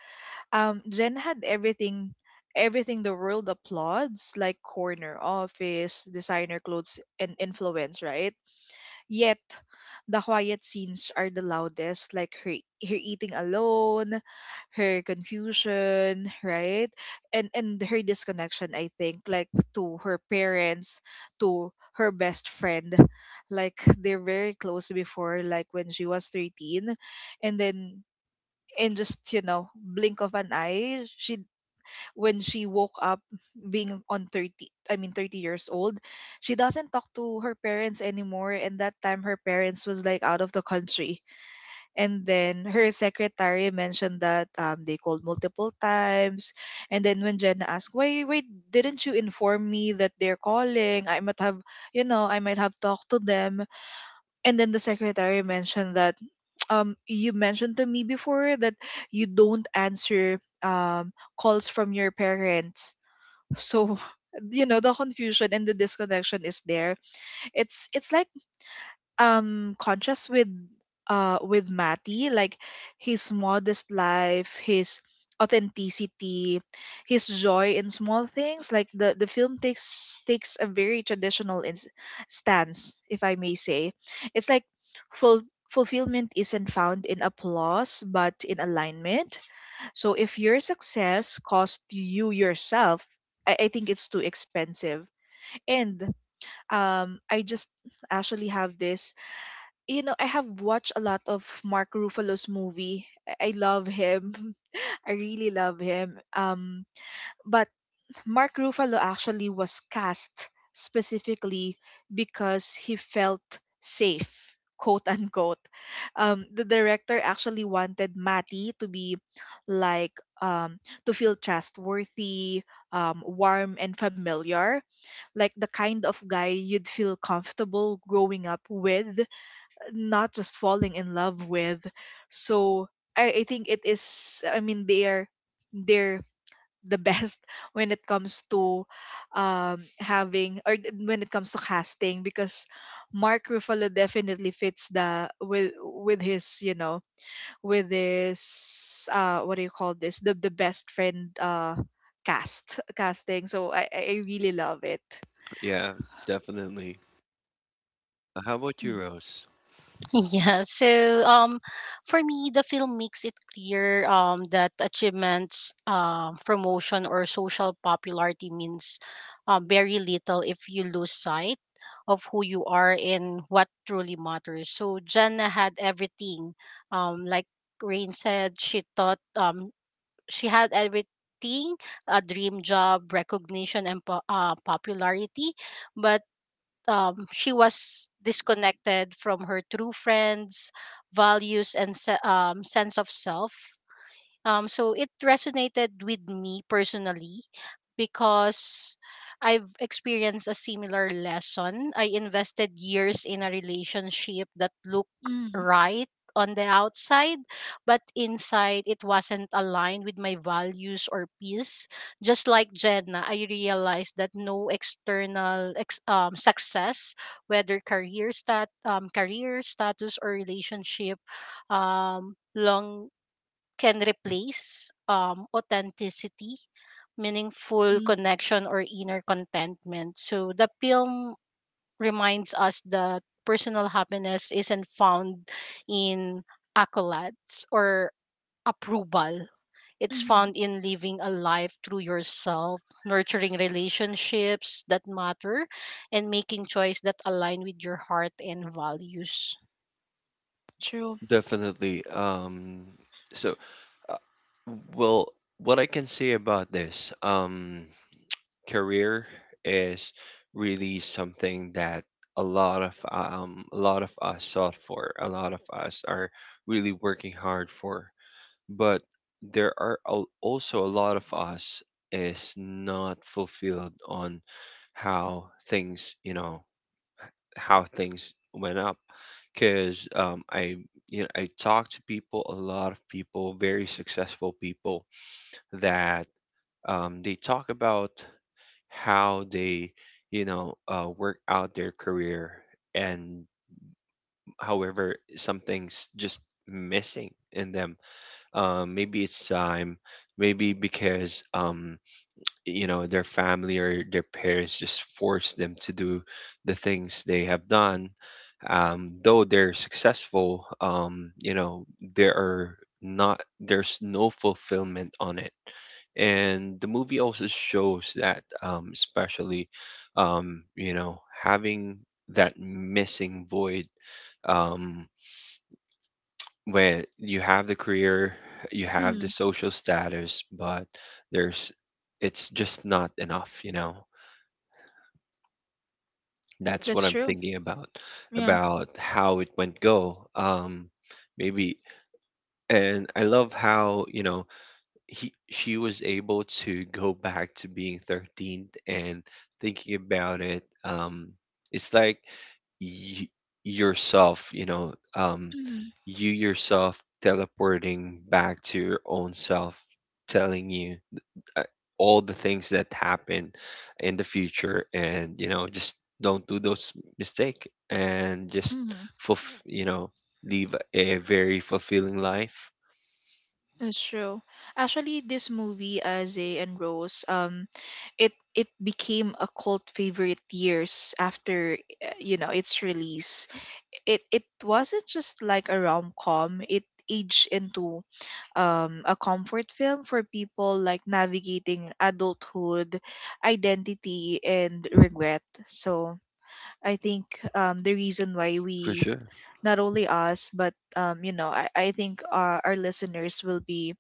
Speaker 2: Jen had everything, everything the world applauds, like corner office, designer clothes, and influence, right? Yet, the quiet scenes are the loudest, like her eating alone, her confusion, right? And her disconnection, I think, like, to her parents, to her best friend. Like, they're very close before, like when she was 13. And then, in just, you know, blink of an eye, she when she woke up being on 30, I mean, 30 years old, she doesn't talk to her parents anymore, and that time her parents was like out of the country, and then her secretary mentioned that, they called multiple times. And then when Jenna asked, why didn't you inform me that they're calling, I might have, you know, I might have talked to them. And then the secretary mentioned that, you mentioned to me before that you don't answer, calls from your parents. So you know, the confusion and the disconnection is there. It's like, contrast with, with Matty, like his modest life, his authenticity, his joy in small things. Like, the film takes a very traditional ins stance, if I may say. It's like, full fulfillment isn't found in applause but in alignment. So if your success cost you yourself, I think it's too expensive. And, I just actually have this. You know, I have watched a lot of Mark Ruffalo's movie. I love him. I really love him. But Mark Ruffalo actually was cast specifically because he felt safe, quote unquote. The director actually wanted Matty to be, like um, to feel trustworthy, warm, and familiar, like the kind of guy you'd feel comfortable growing up with, not just falling in love with. So I think it is. I mean, they're the best when it comes to, when it comes to casting, because Mark Ruffalo definitely fits the— with his, you know, with his, what do you call this, the best friend, cast casting. So I really love it.
Speaker 1: Yeah, definitely. How about you,
Speaker 2: Mm,
Speaker 1: Rose?
Speaker 3: Yeah, so for me, the film makes it clear that achievements, promotion, or social popularity means very little if you lose sight of who you are and what truly matters. So Jenna had everything. Like Rain said, she thought she had everything: a dream job, recognition, and popularity. But she was disconnected from her true friends, values, and sense of self. So it resonated with me personally because I've experienced a similar lesson. I invested years in a relationship that looked
Speaker 2: mm,
Speaker 3: right on the outside, but inside it wasn't aligned with my values or peace. Just like Jenna, I realized that no external success, whether career status or relationship, long can replace authenticity, meaningful
Speaker 2: mm,
Speaker 3: connection, or inner contentment. So the film reminds us that personal happiness isn't found in accolades or approval. It's
Speaker 2: mm.
Speaker 3: found in living a life through yourself, nurturing relationships that matter, and making choices that align with your heart and values.
Speaker 2: True.
Speaker 1: Definitely. So, uh, well, what I can say about this, um, career is really something that a lot of us sought for. A lot of us are really working hard for, but there are also a lot of us is not fulfilled on how things, you know, how things went up. Because I you know, I talk to people, a lot of people, very successful people, that they talk about how they, you know, work out their career. And however, something's just missing in them, maybe it's time, maybe because you know, their family or their parents just force them to do the things they have done. Though they're successful, you know, there are not, there's no fulfillment on it. And the movie also shows that, especially, you know, having that missing void, um, where you have the career, you have the
Speaker 2: Mm,
Speaker 1: social status, but there's, it's just not enough, you know. That's what
Speaker 2: that's
Speaker 1: I'm
Speaker 2: true.
Speaker 1: thinking about
Speaker 2: Yeah.
Speaker 1: about how it went go, maybe. And I love how, you know, he she was able to go back to being 13 and thinking about it. It's like y- yourself, you know,
Speaker 2: Mm,
Speaker 1: you yourself teleporting back to your own self, telling you, uh, all the things that happen in the future, and you know, just don't do those mistake, and just
Speaker 2: mm.
Speaker 1: you know, live a very fulfilling life.
Speaker 2: That's true. Actually, this movie, Aze and Rose, it became a cult favorite years after, you know, its release. It wasn't just like a rom com. It aged into, a comfort film for people, like, navigating adulthood, identity, and regret. So I think, the reason why
Speaker 1: For
Speaker 2: we—
Speaker 1: sure,
Speaker 2: not only us, but, you know, I think our listeners will be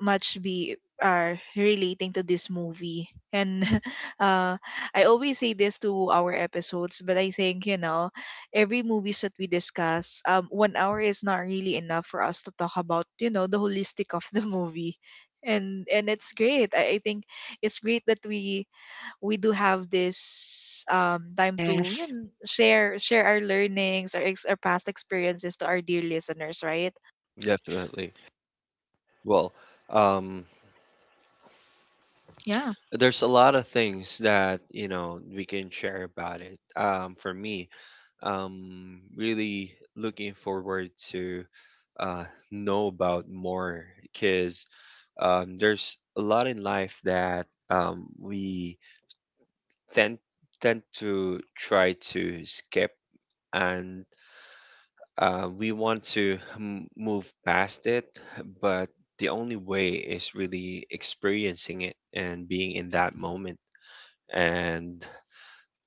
Speaker 2: much be are relating to this movie. And uh I always say this to our episodes, but I think, you know, every movies that we discuss, one hour is not really enough for us to talk about, you know, the holistic of the movie. And it's great. I think it's great that we do have this, time to, you
Speaker 3: Yes.
Speaker 2: know, share our learnings, our past experiences to our dear listeners, right?
Speaker 1: definitely. Well, um,
Speaker 2: Yeah.
Speaker 1: there's a lot of things that, you know, we can share about it. For me, really looking forward to uh, know about more, because there's a lot in life that, we tend tend to try to skip. And we want to move past it, but the only way is really experiencing it and being in that moment. And,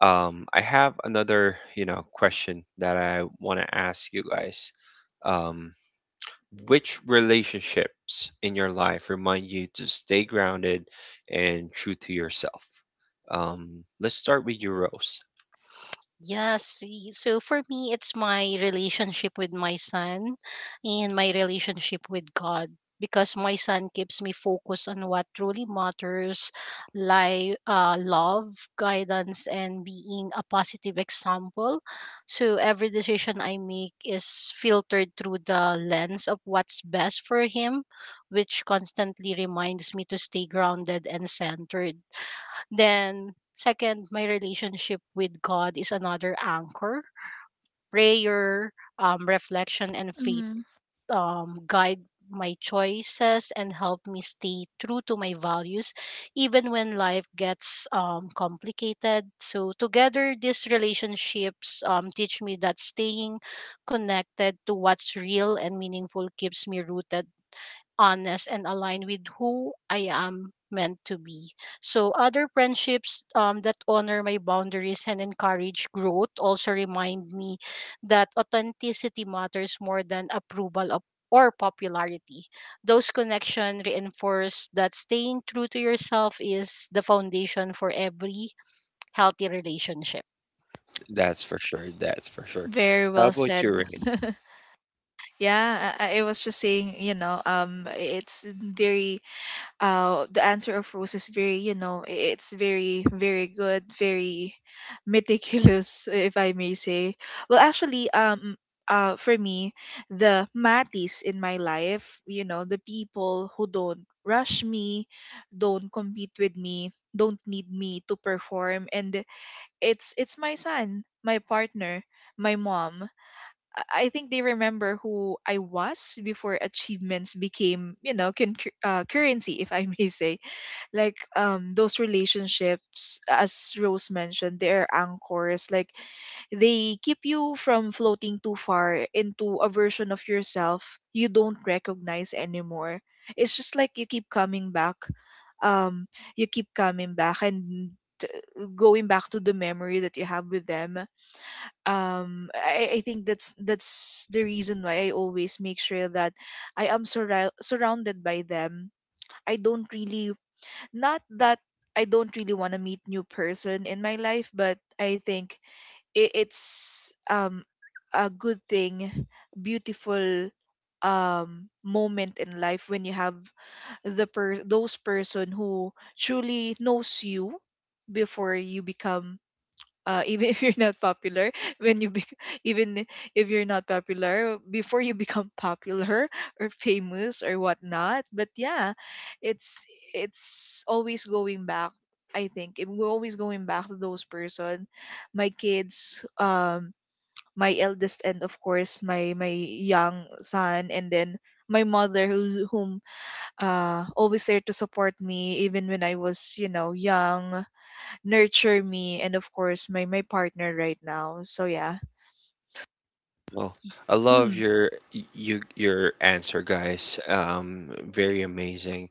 Speaker 1: I have another, you know, question that I want to ask you guys. Um, which relationships in your life remind you to stay grounded and true to yourself? Um, let's start with you, Rose.
Speaker 3: Yes. So for me, it's my relationship with my son and my relationship with God because my son keeps me focused on what truly matters like love, guidance, and being a positive example. So every decision I make is filtered through the lens of what's best for him, which constantly reminds me to stay grounded and centered. Then, second, my relationship with God is another anchor. Prayer, reflection, and faith guide my choices and help me stay true to my values, even when life gets complicated. So, together, these relationships teach me that staying connected to what's real and meaningful keeps me rooted honest, and aligned with who I am meant to be. So, other friendships that honor my boundaries and encourage growth also remind me that authenticity matters more than approval of or popularity. Those connections reinforce that staying true to yourself is the foundation for every healthy relationship.
Speaker 1: That's for sure. That's for sure.
Speaker 2: Very
Speaker 1: How
Speaker 2: well
Speaker 1: about you,
Speaker 2: said.
Speaker 1: Rain?
Speaker 2: Yeah, I was just saying, you know, it's very, the answer of Rose is very, you know, it's very, very good, very meticulous, if I may say. Well, actually, for me, the Matis in my life, you know, the people who don't rush me, don't compete with me, don't need me to perform, and it's my son, my partner, my mom. I think they remember who I was before achievements became, you know, currency, if I may say. Like, those relationships, as Rose mentioned, they're anchors. Like, they keep you from floating too far into a version of yourself you don't recognize anymore. It's just like you keep coming back. Um, you keep coming back and t- going back to the memory that you have with them. I think that's the reason why I always make sure that I am surrounded by them. I don't really— not that I don't really want to meet new person in my life, but I think it's, a good thing, beautiful, moment in life when you have those person who truly knows you before you become, even if you're not popular, when you bec even if you're not popular, before you become popular or famous or whatnot, but yeah, it's it's always going back. I think we're always going back to those person, my kids, my eldest, and of course my young son, and then my mother, whom, always there to support me even when I was, you know, young, nurture me, and of course my partner right now. So yeah.
Speaker 1: Well, I love your, your answer, guys. Very amazing.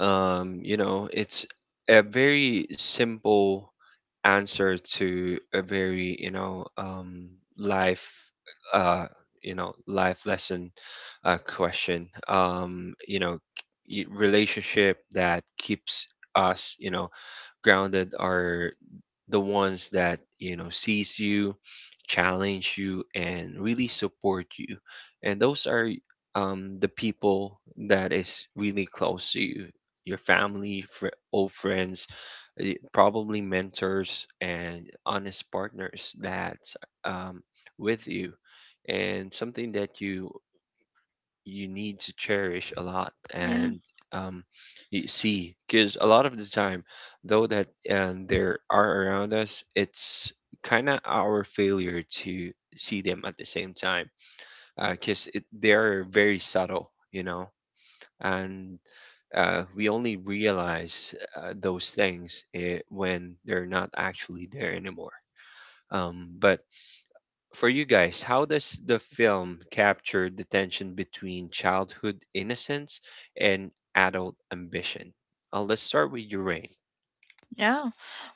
Speaker 1: You know, it's a very simple answer to a very, you know, life, uh, you know, life lesson, question. You know, relationship that keeps us, you know, grounded are the ones that, you know, sees you, challenge you, and really support you. And those are, the people that is really close to you: your family, old friends, eh, probably mentors, and honest partners, that's um, with you, and something that you need to cherish a lot.
Speaker 2: Yeah.
Speaker 1: And um, you see, because a lot of the time, though, that and there are around us, it's kind of our failure to see them at the same time, because it they are very subtle, you know. And we only realize those things, eh, when they're not actually there anymore. But for you guys, how does the film capture the tension between childhood innocence and adult ambition? Let's start with your Rain.
Speaker 2: yeah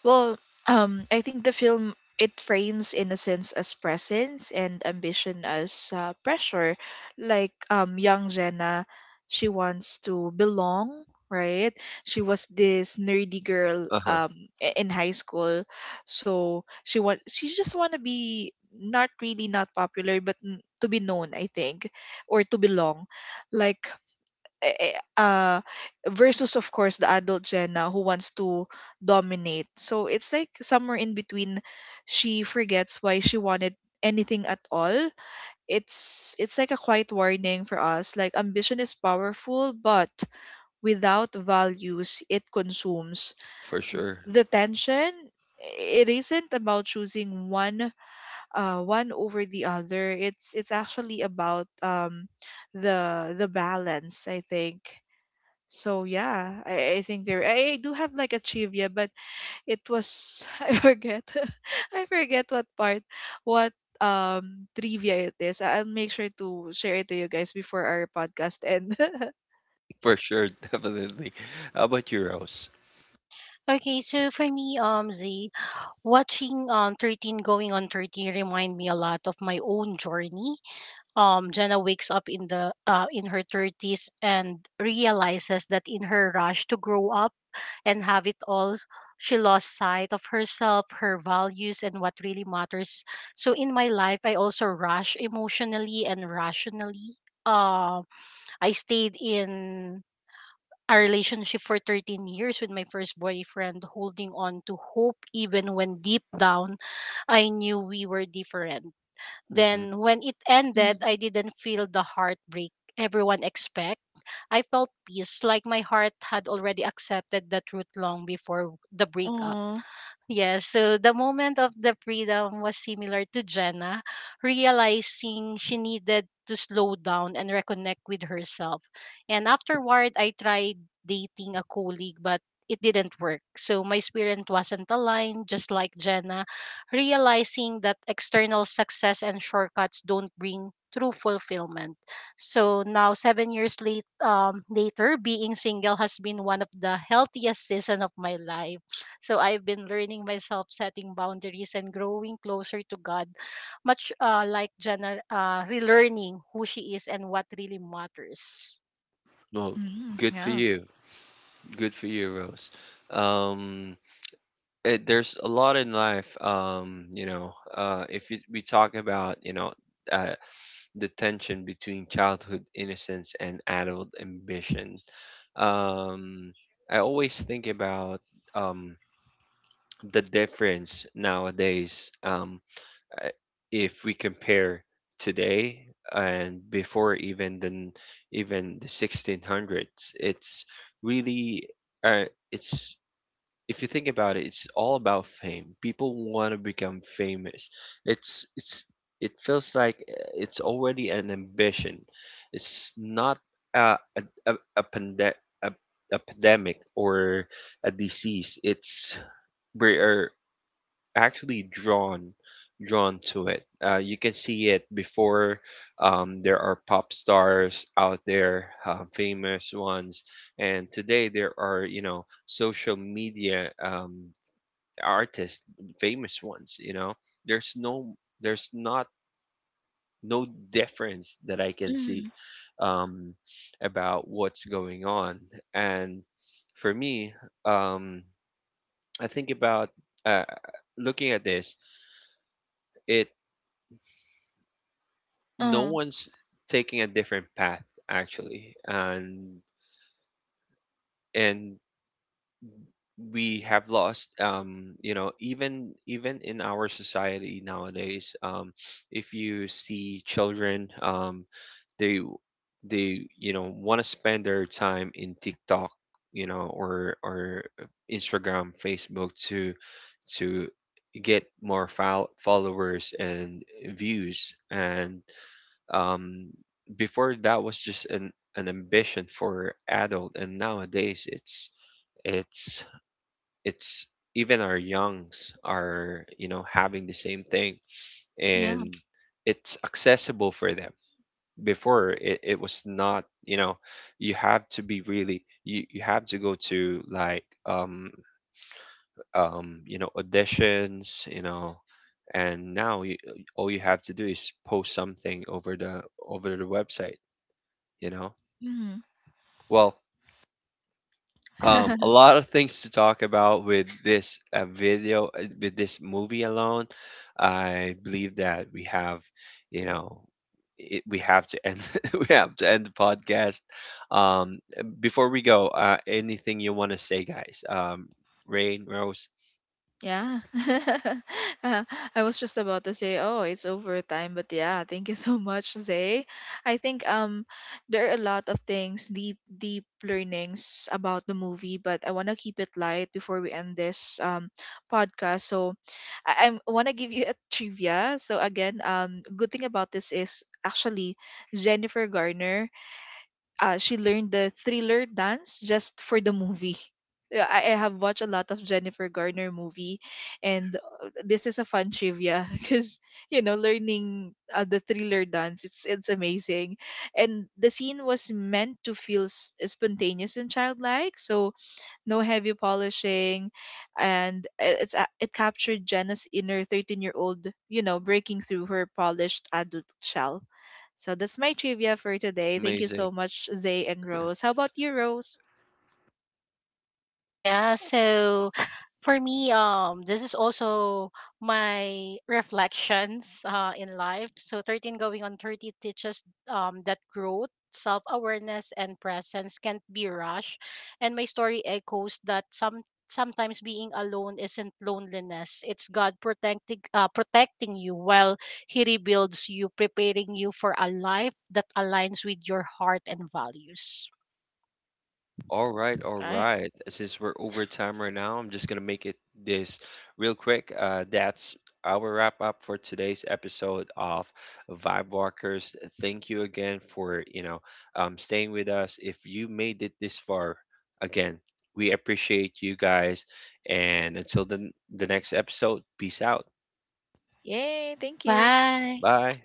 Speaker 2: well, I think the film, it frames innocence as presence and ambition as, pressure. Like, young Jenna, she wants to belong, right? She was this nerdy girl,
Speaker 1: Uh huh.
Speaker 2: in high school. So she just want to be, not really not popular, but to be known, I think, or to belong, like, eh, eh, uh versus, of course, the adult Gen now, who wants to dominate. So it's like somewhere in between, she forgets why she wanted anything at all. It's like a quiet warning for us, like, ambition is powerful but without values, it consumes.
Speaker 1: For sure.
Speaker 2: The tension, it isn't about choosing one— one over the other. It's actually about, the balance, I think. So yeah, I think there— I do have like a trivia, but it was I forget. I forget what part, what trivia it is. I'll make sure to share it to you guys before our podcast end.
Speaker 1: For sure, definitely. How about you, Rose?
Speaker 3: Okay, so for me, Z, watching 13 going on 30 remind me a lot of my own journey Jenna wakes up in the in her 30s and realizes that in her rush to grow up and have it all, she lost sight of herself, her values, and what really matters. So in my life, I also rush emotionally and rationally. Uh, I stayed in a relationship for 13 years with my first boyfriend, holding on to hope even when deep down I knew we were different.
Speaker 1: Hmm.
Speaker 3: Then when it
Speaker 2: Mm.
Speaker 3: ended, I didn't feel the heartbreak everyone expect. I felt peace, like my heart had already accepted the truth long before the breakup.
Speaker 2: Oh.
Speaker 3: Yes, so the moment of the freedom was similar to Jenna, realizing she needed to slow down and reconnect with herself. And afterward, I tried dating a colleague, but it didn't work. So my spirit wasn't aligned, just like Jenna, realizing that external success and shortcuts don't bring true fulfillment. So now, 7 years later, being single has been one of the healthiest season of my life so I've been learning myself setting boundaries and growing closer to God, much like Jenna relearning who she is and what really matters.
Speaker 1: Well,
Speaker 2: Mm,
Speaker 1: good for
Speaker 2: yeah.
Speaker 1: you. Good for you, Rose. Um, it, there's a lot in life. You know, if you, we talk about, you know, uh, the tension between childhood innocence and adult ambition. Um, I always think about um, the difference nowadays, uh, if we compare today and before, even the even the 1600s. It's really, uh, it's, if you think about it, it's all about fame. People want to become famous. It's it feels like, it's already an ambition. It's not a a a, a, pande- a, a pandemic or a disease. It's we are actually drawn to it. You can see it before, there are pop stars out there, famous ones. And today there are, you know, social media artists, famous ones, you know. there's no, there's not no difference that I can see
Speaker 2: Mm.
Speaker 1: um, about what's going on. And for me, um, I think about, uh, looking at this, it no
Speaker 2: Uh,
Speaker 1: one's taking a different path actually. And we have lost, you know, even in our society nowadays, if you see children, they they you know, want to spend their time in TikTok, you know, or Instagram, Facebook to get more followers and views. And um before, that was just an ambition for adult, and nowadays it's, it's it's even our youngs are, you know, having the same thing.
Speaker 2: yeah.
Speaker 1: And it's accessible for them. Before it, it was not, you know. You have to be really, you have to go to, like, you know, auditions, you know. And now you, all you have to do is post something over the website, you know.
Speaker 2: Mm.
Speaker 1: Well, a lot of things to talk about with this video with this movie alone. I believe that we have, you know, it, we have to end, we have to end the podcast, um before we go. Anything you want to say, guys? Rain, Rose?
Speaker 2: Yeah. Uh, I was just about to say, oh, it's overtime, but yeah, thank you so much, Zay. I think, there are a lot of things, deep, deep learnings about the movie, but I wanna keep it light before we end this, podcast. So I wanna give you a trivia. So again, good thing about this is actually, Jennifer Garner, she learned the Thriller dance just for the movie. Yeah, I have watched a lot of Jennifer Garner movie, and, this is a fun trivia because, you know, learning, the Thriller dance, it's amazing, and the scene was meant to feel spontaneous and childlike. So no heavy polishing, and it captured Jenna's inner 13-year old, you know, breaking through her polished adult shell. So that's my trivia for today. Thank you
Speaker 1: Amazing.
Speaker 2: so much, Zay and Rose. How about you, Rose?
Speaker 3: Yeah, so for me, this is also my reflections in life. So 13 going on 30 teaches that growth, self awareness, and presence can't be rushed. And my story echoes that some sometimes being alone isn't loneliness it's god protecting protecting you while he rebuilds you, preparing you for a life that aligns with your heart and values.
Speaker 1: All right, all
Speaker 2: All right.
Speaker 1: right. Since we're over time right now, I'm just gonna make it this real quick. That's our wrap up for today's episode of Vibe Walkers. Thank you again for, you know, staying with us. If you made it this far, again, we appreciate you guys. And until the next episode, peace out.
Speaker 2: Yay, thank you.
Speaker 3: Bye.
Speaker 1: Bye.